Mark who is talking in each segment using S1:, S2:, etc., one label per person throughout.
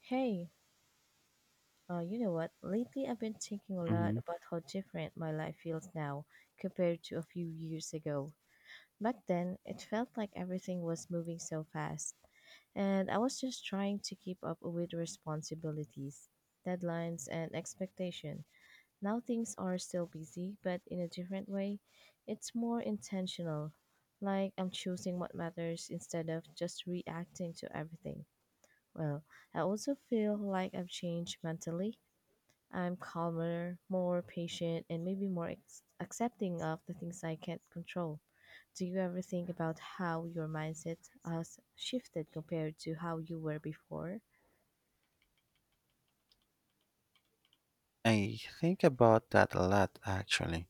S1: Hey, you know what? Lately, I've been thinking a lot
S2: Mhm.
S1: about how different my life feels now compared to a few years ago. Back then, it felt like everything was moving so fast, and I was just trying to keep up with responsibilities, deadlines, and expectation. Now things are still busy, but in a different way. It's more intentional, like I'm choosing what matters instead of just reacting to everything. Well, I also feel like I've changed mentally. I'm calmer, more patient, and maybe more accepting of the things I can't control. Do you ever think about how your mindset has shifted compared to how you were before?
S2: I think about that a lot actually.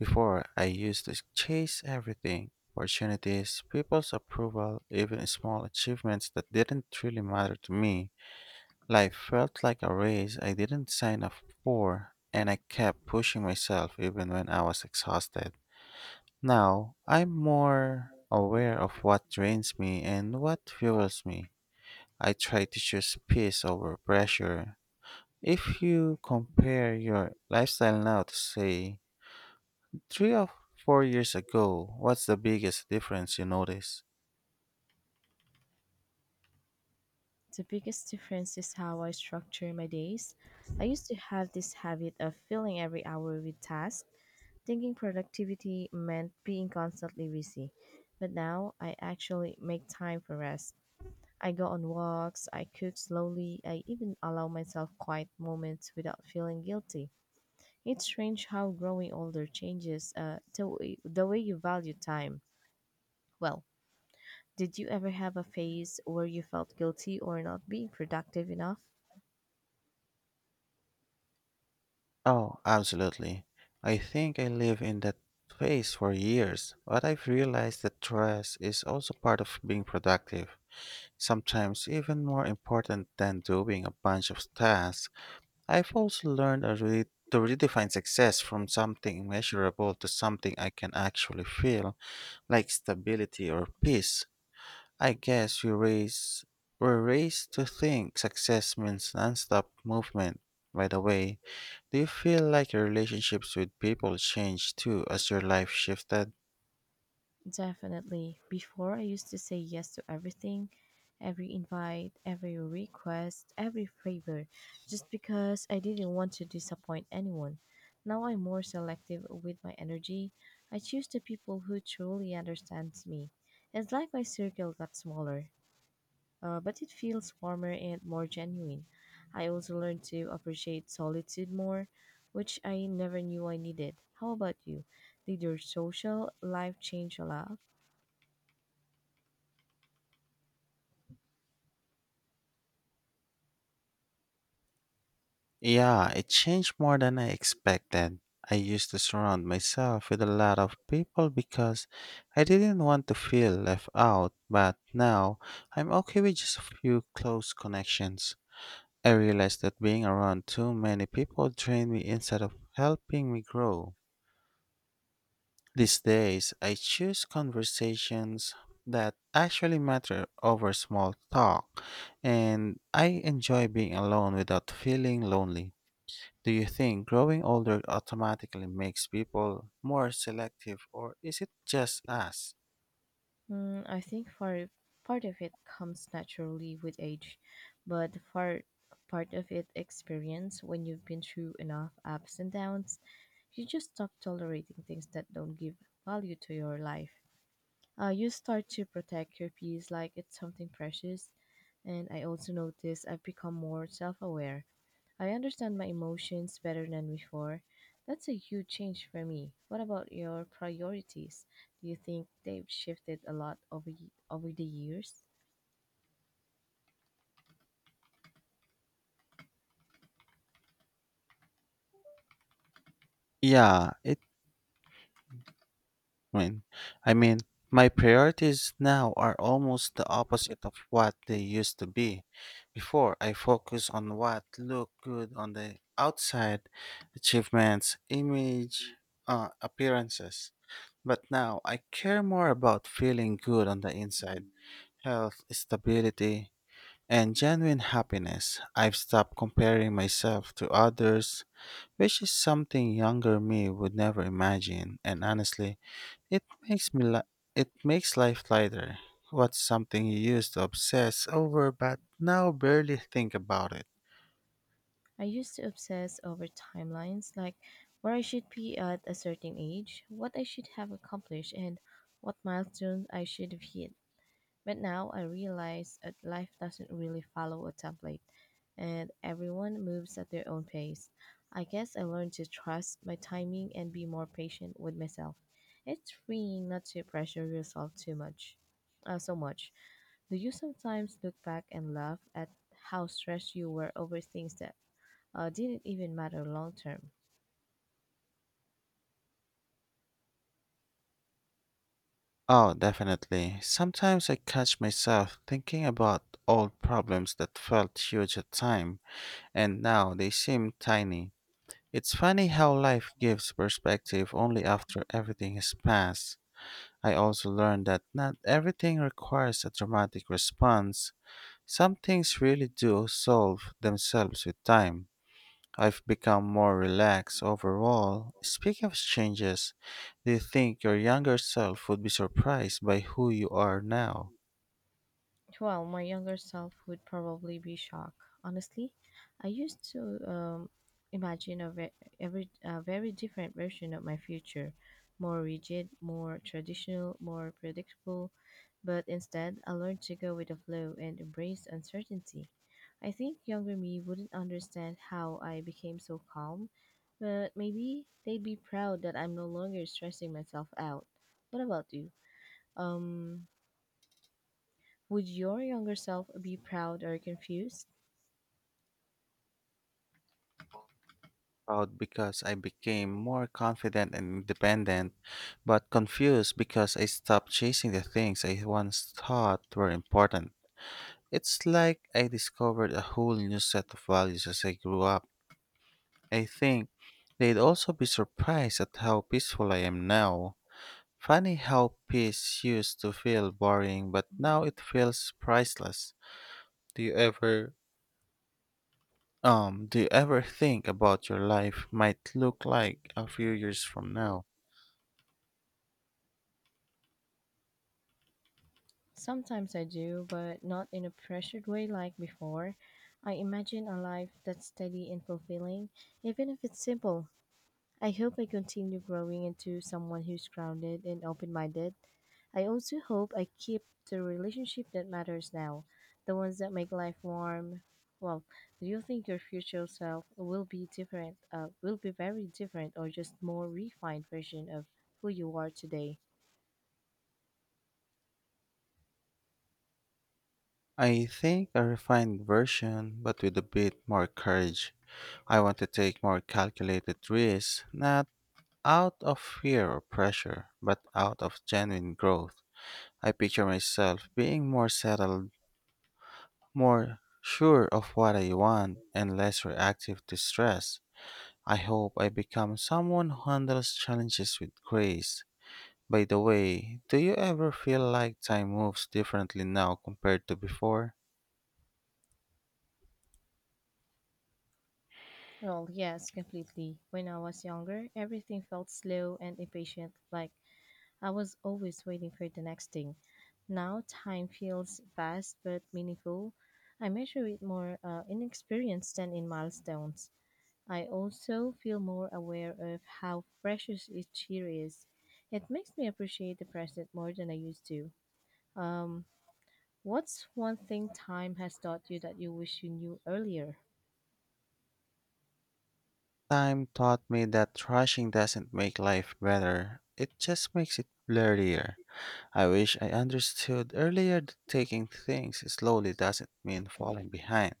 S2: Before, I used to chase everything opportunities, people's approval, even small achievements that didn't really matter to me. Life felt like a race I didn't sign up for, and I kept pushing myself even when I was exhausted. Now, I'm more aware of what drains me and what fuels me. I try to choose peace over pressure. If you compare your lifestyle now to, say, 3 or 4 years ago, what's the biggest difference you notice?
S1: The biggest difference is how I structure my days. I used to have this habit of filling every hour with tasks, thinking productivity meant being constantly busy. But now I actually make time for rest. I go on walks, I cook slowly, I even allow myself quiet moments without feeling guilty. It's strange how growing older changes the way you value time. Well, did you ever have a phase where you felt guilty or not being productive enough?
S2: Oh, absolutely. I think I live in that phase for years, but I've realized that stress is also part of being productive, sometimes even more important than doing a bunch of tasks. I've also learned to redefine success from something measurable to something I can actually feel, like stability or peace. I guess we raise were raised to think success means nonstop movement. By the way, do you feel like your relationships with people changed too as your life shifted?
S1: Definitely. Before, I used to say yes to everything, every invite, every request, every favor, just because I didn't want to disappoint anyone. Now I'm more selective with my energy. I choose the people who truly understands me. It's like my circle got smaller, but it feels warmer and more genuine. I also learned to appreciate solitude more, which I never knew I needed. How about you? Did your social life change a lot?
S2: Yeah, it changed more than I expected. I used to surround myself with a lot of people because I didn't want to feel left out, but now I'm okay with just a few close connections. I realized that being around too many people drained me instead of helping me grow. These days, I choose conversations that actually matter over small talk, and I enjoy being alone without feeling lonely. Do you think growing older automatically makes people more selective, or is it just us?
S1: Mm, I think for part of it comes naturally with age, but for part of it experience when you've been through enough ups and downs, you just stop tolerating things that don't give value to your life. You start to protect your peace like it's something precious, and I also notice I've become more self-aware. I understand my emotions better than before. That's a huge change for me. What about your priorities? Do you think they've shifted a lot over the years?
S2: Yeah, it mean, I mean, my priorities now are almost the opposite of what they used to be. Before, I focus on what look good on the outside, achievements, image, appearances. But now I care more about feeling good on the inside, health, stability, and genuine happiness. I've stopped comparing myself to others, which is something younger me would never imagine. And honestly, it makes me li- it makes life lighter. What's something you used to obsess over but now barely think about it?
S1: I used to obsess over timelines, like where I should be at a certain age, what I should have accomplished, and what milestones I should have hit. But now I realize that life doesn't really follow a template and everyone moves at their own pace. I guess I learned to trust my timing and be more patient with myself. It's freeing not to pressure yourself too much. Uh, so much. Do you sometimes look back and laugh at how stressed you were over things that didn't even matter long term?
S2: Oh, definitely. Sometimes I catch myself thinking about old problems that felt huge at time and now they seem tiny. It's funny how life gives perspective only after everything has passed. I also learned that not everything requires a dramatic response. Some things really do solve themselves with time. I've become more relaxed overall. Speaking of changes, do you think your younger self would be surprised by who you are now?
S1: Well, my younger self would probably be shocked. Honestly, I used to um, imagine a very different version of my future, more rigid, more traditional, more predictable. But instead, I learned to go with the flow and embrace uncertainty. I think younger me wouldn't understand how I became so calm, but maybe they'd be proud that I'm no longer stressing myself out. What about you? Um, would your younger self be proud or confused?
S2: Proud because I became more confident and independent, but confused because I stopped chasing the things I once thought were important. It's like I discovered a whole new set of values as I grew up. I think they'd also be surprised at how peaceful I am now. Funny how peace used to feel boring, but now it feels priceless. Do you ever do you ever think about your life might look like a few years from now?
S1: Sometimes I do, but not in a pressured way like before. I imagine a life that's steady and fulfilling, even if it's simple. I hope I continue growing into someone who's grounded and open minded. I also hope I keep the relationship that matters now, the ones that make life warm. Well, do you think your future self will be different, will be very different, or just more refined version of who you are today?
S2: I think a refined version, but with a bit more courage. I want to take more calculated risks, not out of fear or pressure, but out of genuine growth. I picture myself being more settled, more sure of what I want, and less reactive to stress. I hope I become someone who handles challenges with grace. By the way, do you ever feel like time moves differently now compared to before?
S1: Well, yes, completely. When I was younger, everything felt slow and impatient, like I was always waiting for the next thing. Now, time feels fast but meaningful. I measure it more in experience than in milestones. I also feel more aware of how precious each year is. It makes me appreciate the present more than I used to. Um, what's one thing time has taught you that you wish you knew earlier?
S2: Time taught me that rushing doesn't make life better, it just makes it blurrier. I wish I understood earlier that taking things slowly doesn't mean falling behind.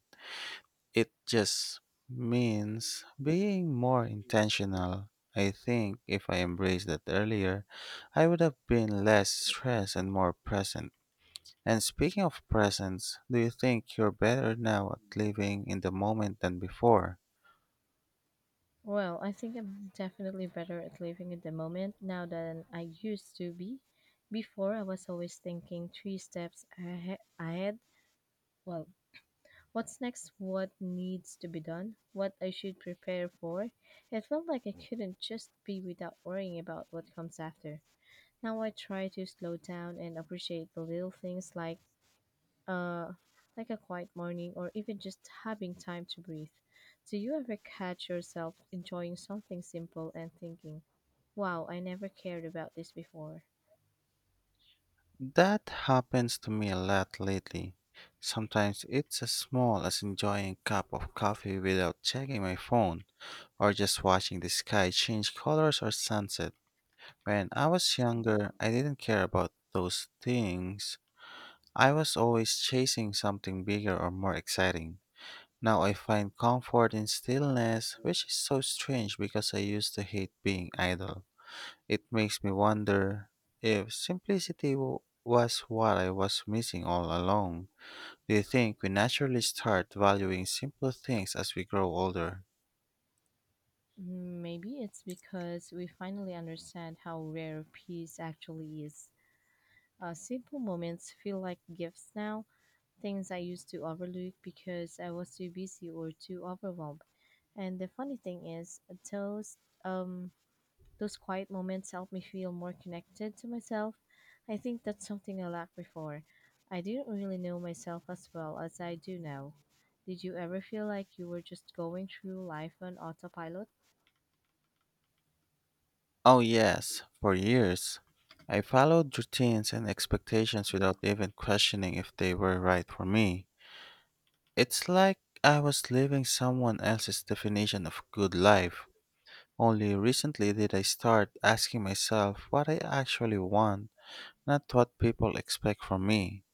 S2: It just means being more intentional. I think if I embraced that earlier, I would have been less stressed and more present. And speaking of presence, do you think you're better now at living in the moment than before?
S1: Well, I think I'm definitely better at living in the moment now than I used to be. Before, I was always thinking three steps ahead. Well, what's next? What needs to be done? What I should prepare for? It felt like I couldn't just be without worrying about what comes after. Now I try to slow down and appreciate the little things uh, like a quiet morning or even just having time to breathe. Do you ever catch yourself enjoying something simple and thinking, wow, I never cared about this before?
S2: That happens to me a lot lately. Sometimes it's as small as enjoying a cup of coffee without checking my phone, or just watching the sky change colors or sunsets. When I was younger, I didn't care about those things. I was always chasing something bigger or more exciting. Now I find comfort in stillness, which is so strange because I used to hate being idle. It makes me wonder if simplicity w- was what I was missing all along. Do you think we naturally start valuing simple things as we grow older?
S1: Mm, maybe it's because we finally understand how rare peace actually is. Simple moments feel like gifts now, things I used to overlook because I was too busy or too overwhelmed. And the funny thing is, those um, those quiet moments help me feel more connected to myself. I think that's something I lacked before. I didn't really know myself as well as I do now. Did you ever feel like you were just going through life on autopilot?
S2: Oh, yes, for years. I followed routines and expectations without even questioning if they were right for me. It's like I was living someone else's definition of good life. Only recently did I start asking myself what I actually want, not what people expect from me.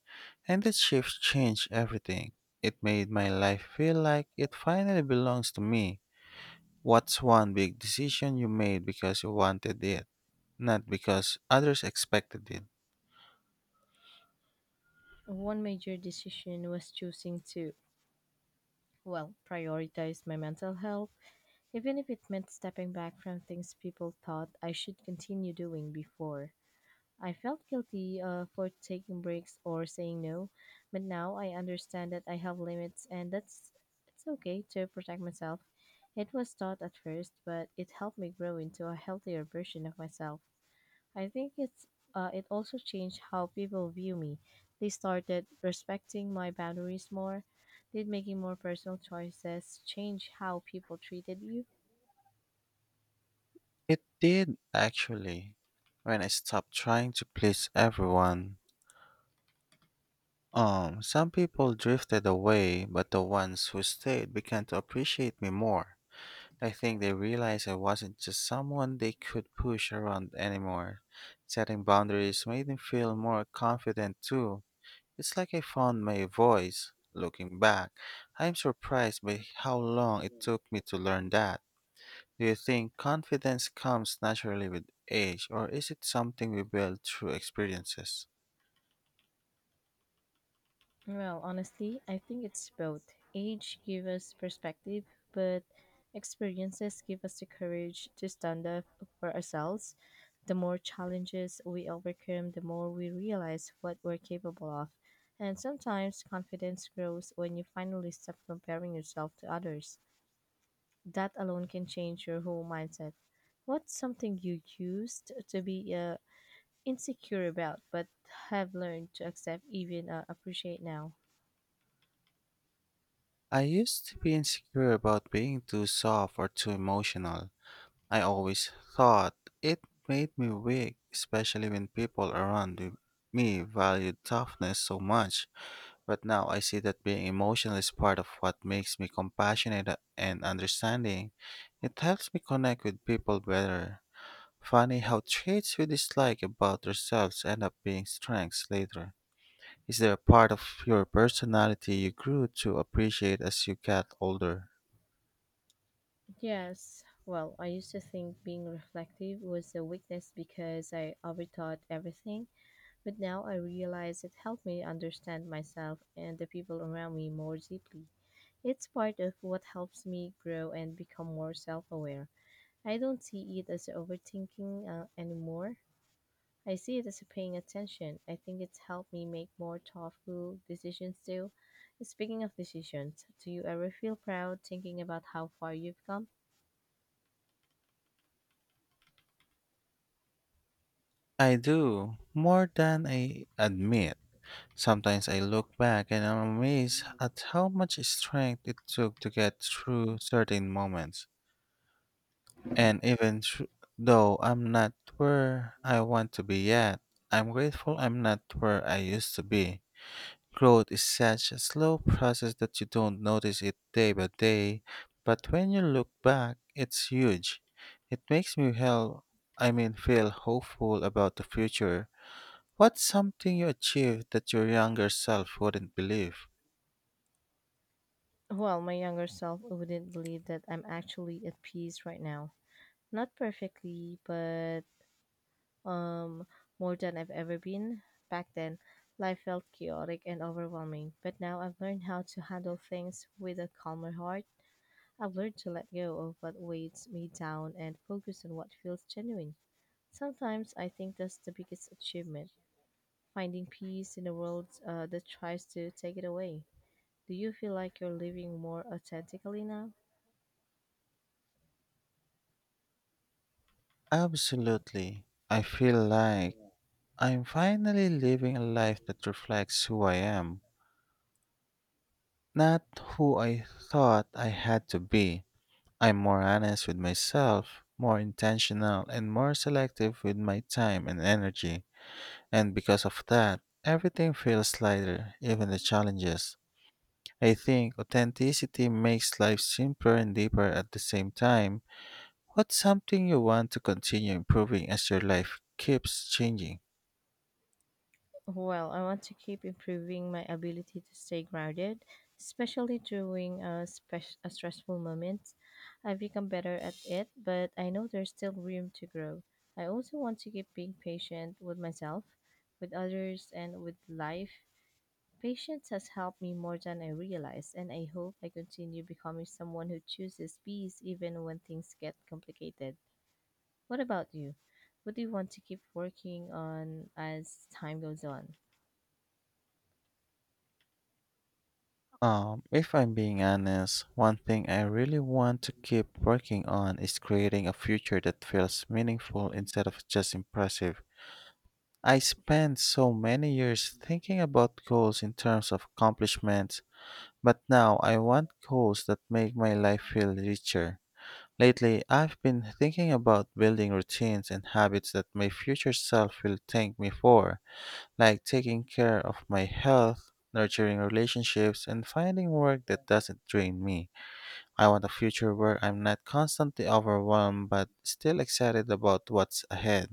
S2: And this shift changed everything. It made my life feel like it finally belongs to me. What's one big decision you made because you wanted it, not because others expected it?
S1: One major decision was choosing to, well, prioritize my mental health, even if it meant stepping back from things people thought I should continue doing before. I felt guilty for taking breaks or saying no, but now I understand that I have limits and that's it's okay to protect myself. It was taught at first, but it helped me grow into a healthier version of myself. I think it also changed how people view me. They started respecting my boundaries more. Did making more personal choices change how people treated you?
S2: It did actually. When I stopped trying to please everyone, some people drifted away, but the ones who stayed began to appreciate me more. I think they realized I wasn't just someone they could push around anymore. Setting boundaries made me feel more confident too. It's like I found my voice. Looking back, I am surprised by how long it took me to learn that. Do you think confidence comes naturally with age, or is it something we build through experiences?
S1: Well, honestly, I think it's both. Age gives us perspective, but experiences give us the courage to stand up for ourselves. The more challenges we overcome, the more we realize what we're capable of. And sometimes confidence grows when you finally stop comparing yourself to others. That alone can change your whole mindset. What's something you used to be insecure about but have learned to accept, even appreciate now?
S2: I used to be insecure about being too soft or too emotional. I always thought it made me weak, especially when me valued toughness so much. But now I see that being emotional is part of what makes me compassionate and understanding. It helps me connect with people better. Funny how traits we dislike about ourselves end up being strengths later. Is there a part of your personality you grew to appreciate as you got older?
S1: Yes, well, I used to think being reflective was a weakness because I overthought everything, but now I realize it helped me understand myself and the people around me more deeply. It's part of what helps me grow and become more self aware. I don't see it as overthinking anymore. I see it as paying attention. I think it's helped me make more thoughtful decisions too. Speaking of decisions, do you ever feel proud thinking about how far you've come?
S2: I do, more than I admit. Sometimes I look back and I'm amazed at how much strength it took to get through certain moments. And though I'm not where I want to be yet, I'm grateful I'm not where I used to be. Growth is such a slow process that you don't notice it day by day, but when you look back, it's huge. It makes me hell I mean feel hopeful about the future. What's something you achieved that your younger self wouldn't believe?
S1: Well, my younger self wouldn't believe that I'm actually at peace right now. Not perfectly, but um more than I've ever been. Back then, life felt chaotic and overwhelming, but now I've learned how to handle things with a calmer heart. I've learned to let go of what weighs me down and focus on what feels genuine. Sometimes I think that's the biggest achievement, finding peace in a world that tries to take it away. Do you feel like you're living more authentically now?
S2: Absolutely. I feel like I'm finally living a life that reflects who I am, not who I thought I had to be. I'm more honest with myself, more intentional, and more selective with my time and energy. And because of that, everything feels lighter, even the challenges. I think authenticity makes life simpler and deeper at the same time. What's something you want to continue improving as your life keeps changing?
S1: Well, I want to keep improving my ability to stay grounded, especially during a stressful moments. I've become better at it, but I know there's still room to grow. I also want to keep being patient with myself, with others, and with life. Patience has helped me more than I realized, and I hope I continue becoming someone who chooses peace even when things get complicated. What about you? What do you want to keep working on as time goes on?
S2: If I'm being honest, one thing I really want to keep working on is creating a future that feels meaningful instead of just impressive. I spent so many years thinking about goals in terms of accomplishments, but now I want goals that make my life feel richer. Lately, I've been thinking about building routines and habits that my future self will thank me for, like taking care of my health, nurturing relationships, and finding work that doesn't drain me. I want a future where I'm not constantly overwhelmed but still excited about what's ahead.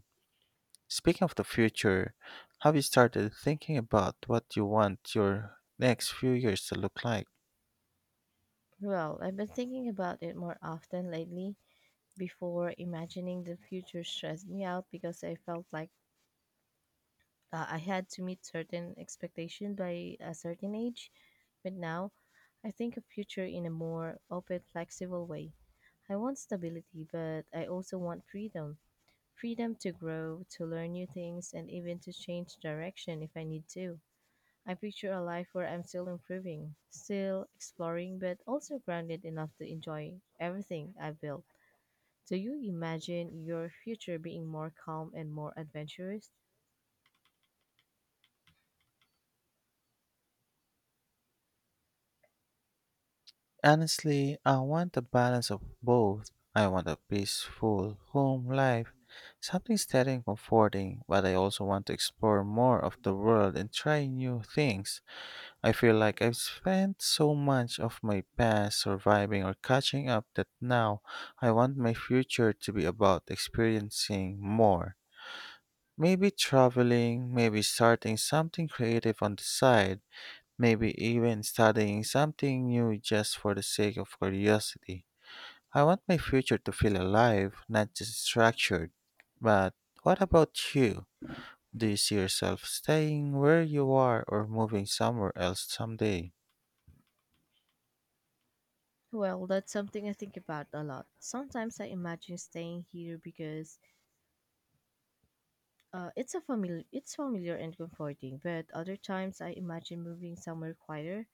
S2: Speaking of the future, have you started thinking about what you want your next few years to look like?
S1: Well, I've been thinking about it more often lately. Before imagining the future stressed me out because I felt like I had to meet certain expectation by a certain age. But now I think of future in a more open, flexible way. I want stability, but I also want freedom. Freedom to grow, to learn new things, and even to change direction if I need to. I picture a life where I'm still improving, still exploring, but also grounded enough to enjoy everything I've built. Do you imagine your future being more calm and more adventurous?
S2: Honestly, I want a balance of both. I want a peaceful home life, something steady and comforting, but I also want to explore more of the world and try new things. I feel like I've spent so much of my past surviving or catching up that now I want my future to be about experiencing more. Maybe traveling, maybe starting something creative on the side. Maybe even studying something new just for the sake of curiosity. I want my future to feel alive, not just structured. But what about you? Do you see yourself staying where you are or moving somewhere else someday?
S1: Well, that's something I think about a lot. Sometimes I imagine staying here because it's familiar and comforting. But other times I imagine moving somewhere quieter,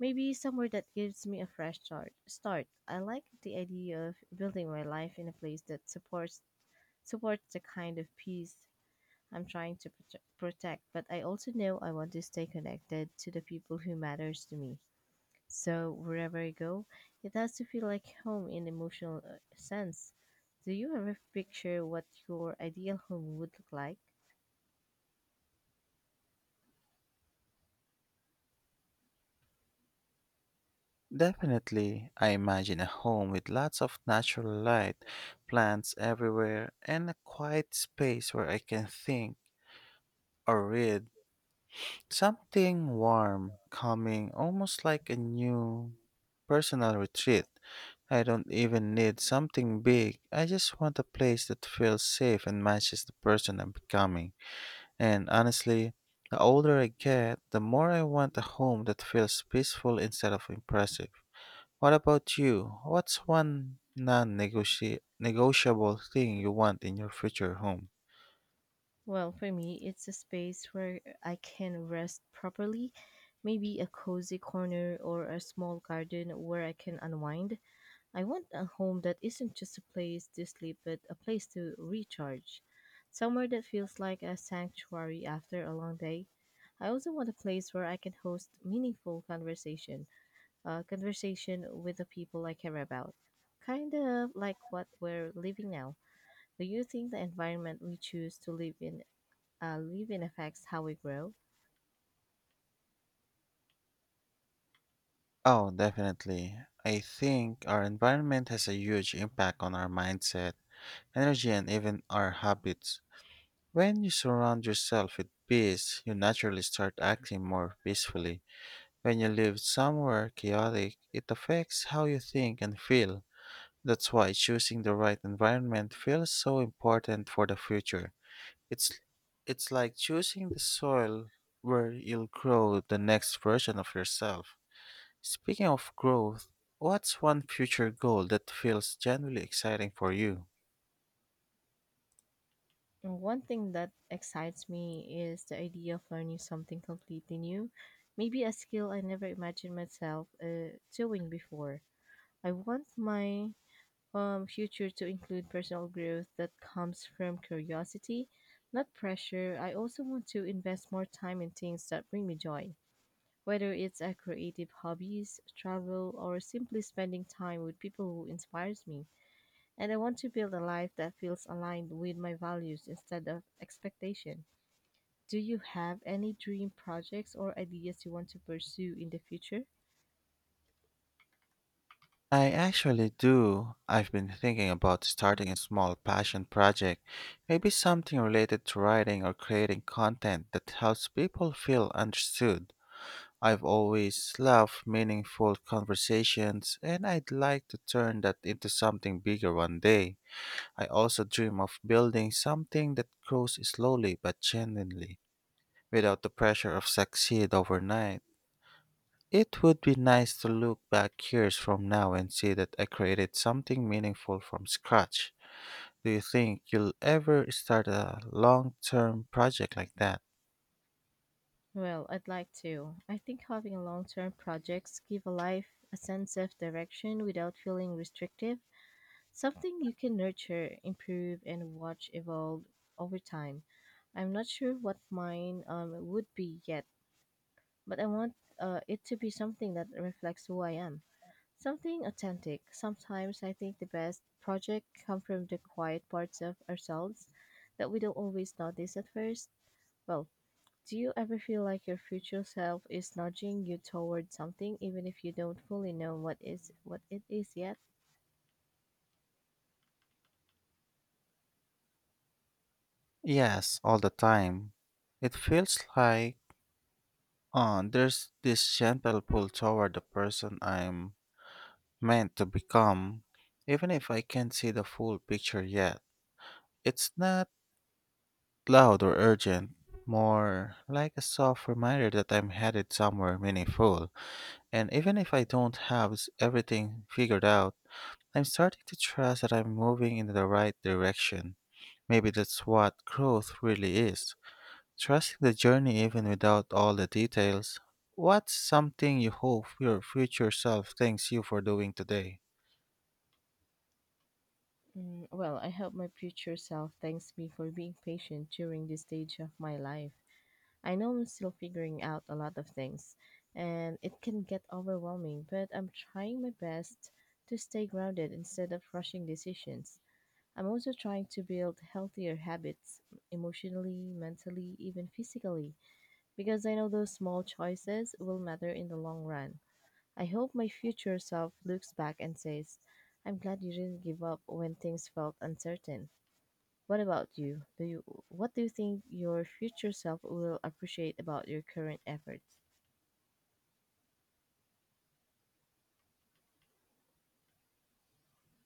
S1: maybe somewhere that gives me a fresh start. I like the idea of building my life in a place that supports the kind of peace I'm trying to protect. But I also know I want to stay connected to the people who matters to me. So wherever I go, it has to feel like home in emotional sense. Do you ever picture what your ideal home would look like?
S2: Definitely, I imagine a home with lots of natural light, plants everywhere, and a quiet space where I can think or read. Something warm, calming, almost like a new personal retreat. I don't even need something big. I just want a place that feels safe and matches the person I'm becoming. And honestly, the older I get, the more I want a home that feels peaceful instead of impressive. What about you? What's one non negotiable thing you want in your future home?
S1: Well, for me, it's a space where I can rest properly, maybe a cozy corner or a small garden where I can unwind. I want a home that isn't just a place to sleep, but a place to recharge. Somewhere that feels like a sanctuary after a long day. I also want a place where I can host meaningful conversation with the people I care about. Kind of like what we're living now. Do you think the environment we choose to live in affects how we grow?
S2: Oh, definitely. I think our environment has a huge impact on our mindset, energy, and even our habits. When you surround yourself with peace, you naturally start acting more peacefully. When you live somewhere chaotic, it affects how you think and feel. That's why choosing the right environment feels so important for the future. It's it's like choosing the soil where you'll grow the next version of yourself. Speaking of growth, what's one future goal that feels genuinely exciting for you?
S1: And One thing that excites me is the idea of learning something completely new, maybe a skill I never imagined myself doing before. I want my future to include personal growth that comes from curiosity, not pressure. I also want to invest more time in things that bring me joy. Whether it's a creative hobbies, travel, or simply spending time with people who inspires me. And I want to build a life that feels aligned with my values instead of expectation. Do you have any dream projects or ideas you want to pursue in the future?
S2: I actually do. I've been thinking about starting a small passion project, maybe something related to writing or creating content that helps people feel understood. I've always loved meaningful conversations, and I'd like to turn that into something bigger one day. I also dream of building something that grows slowly but genuinely without the pressure of succeed overnight. It would be nice to look back years from now and see that I created something meaningful from scratch. Do you think you'll ever start a long term project like that?
S1: Well, I'd like to. I think having long-term projects give a life a sense of direction without feeling restrictive. Something you can nurture, improve, and watch evolve over time. I'm not sure what mine would be yet, but I want it to be something that reflects who I am. Something authentic. Sometimes I think the best projects come from the quiet parts of ourselves that we don't always notice at first. Well, do you ever feel like your future self is nudging you toward something even if you don't fully know what it is yet?
S2: Yes, all the time. It feels like there's this gentle pull toward the person I'm meant to become, even if I can't see the full picture yet. It's not loud or urgent, more like a soft reminder that I'm headed somewhere meaningful. And even if I don't have everything figured out, I'm starting to trust that I'm moving in the right direction. Maybe that's what growth really is, trusting the journey even without all the details. What's something you hope your future self thanks you for doing today?
S1: Well, I hope my future self thanks me for being patient during this stage of my life. I know I'm still figuring out a lot of things, and it can get overwhelming, but I'm trying my best to stay grounded instead of rushing decisions. I'm also trying to build healthier habits emotionally, mentally, even physically, because I know those small choices will matter in the long run. I hope my future self looks back and says, I'm glad you didn't give up when things felt uncertain. What about you? Do you what do you think your future self will appreciate about your current efforts?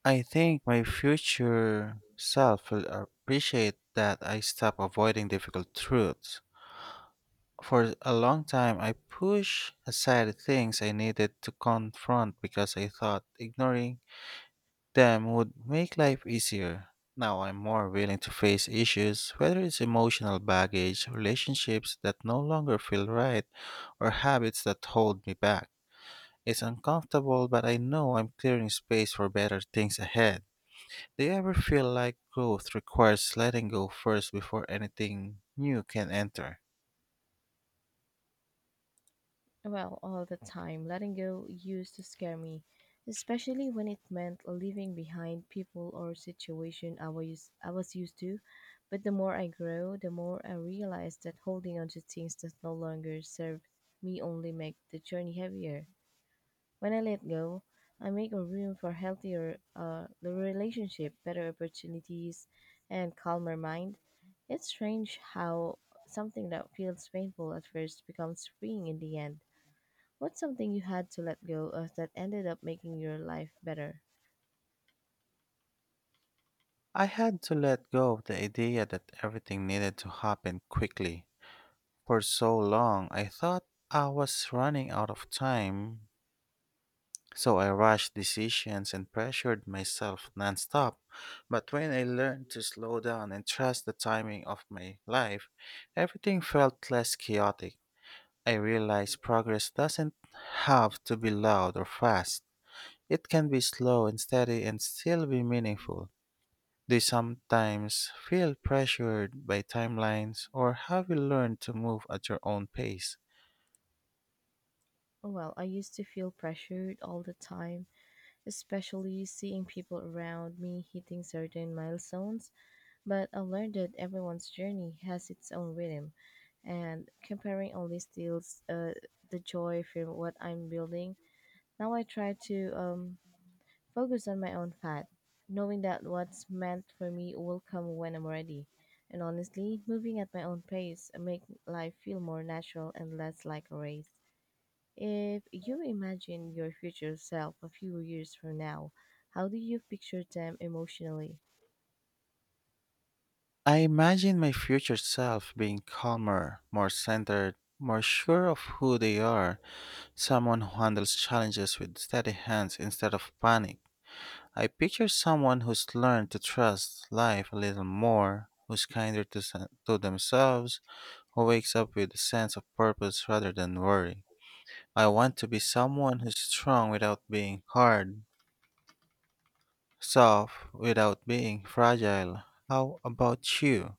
S2: I think my future self will appreciate that I stop avoiding difficult truths. For a long time, I pushed aside things I needed to confront because I thought ignoring them would make life easier. Now I'm more willing to face issues, whether it's emotional baggage, relationships that no longer feel right, or habits that hold me back. It's uncomfortable, but I know I'm clearing space for better things ahead. Do you ever feel like growth requires letting go first before anything new can enter?
S1: Well, all the time, letting go used to scare me, especially when it meant leaving behind people or situation I was used to. But the more I grow, the more I realize that holding on to things that no longer serve me only make the journey heavier. When I let go, I make a room for healthier the relationship, better opportunities, and calmer mind. It's strange how something that feels painful at first becomes freeing in the end. What's something you had to let go of that ended up making your life better?
S2: I had to let go of the idea that everything needed to happen quickly. For so long, I thought I was running out of time, so I rushed decisions and pressured myself nonstop. But when I learned to slow down and trust the timing of my life, everything felt less chaotic. I realized progress doesn't have to be loud or fast. It can be slow and steady and still be meaningful. They sometimes feel pressured by timelines or have you learn to move at your own pace.
S1: Oh, well, I used to feel pressured all the time, especially seeing people around me hitting certain milestones. But I learned that everyone's journey has its own rhythm, and comparing only steals the joy from what I'm building. Now I try to focus on my own path, knowing that what's meant for me will come when I'm ready. And honestly, moving at my own pace make life feel more natural and less like a race. If you imagine your future self a few years from now, how do you picture them emotionally?
S2: I imagine my future self being calmer, more centered, more sure of who they are, someone who handles challenges with steady hands instead of panic. I picture someone who's learned to trust life a little more, who's kinder to, se- to themselves, who wakes up with a sense of purpose rather than worry. I want to be someone who's strong without being hard, soft without being fragile. How about you?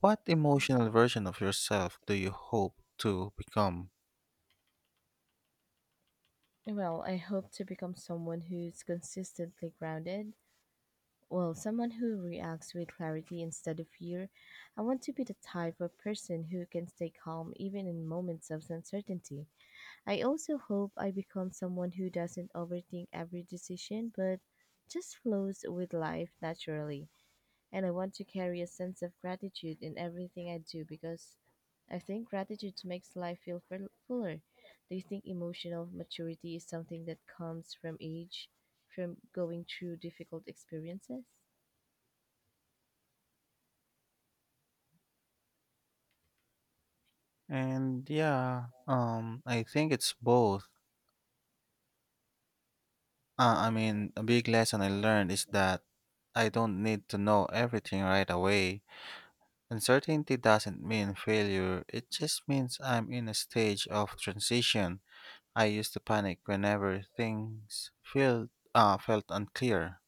S2: What emotional version of yourself do you hope to become?
S1: Well, I hope to become someone who's consistently grounded. Well, someone who reacts with clarity instead of fear. I want to be the type of person who can stay calm even in moments of uncertainty. I also hope I become someone who doesn't overthink every decision but just flows with life naturally. And I want to carry a sense of gratitude in everything I do because I think gratitude makes life feel fuller. Do you think emotional maturity is something that comes from age, from going through difficult experiences?
S2: And yeah, I think it's both. I mean, a big lesson I learned is that I don't need to know everything right away. Uncertainty doesn't mean failure, it just means I'm in a stage of transition. I used to panic whenever things felt unclear.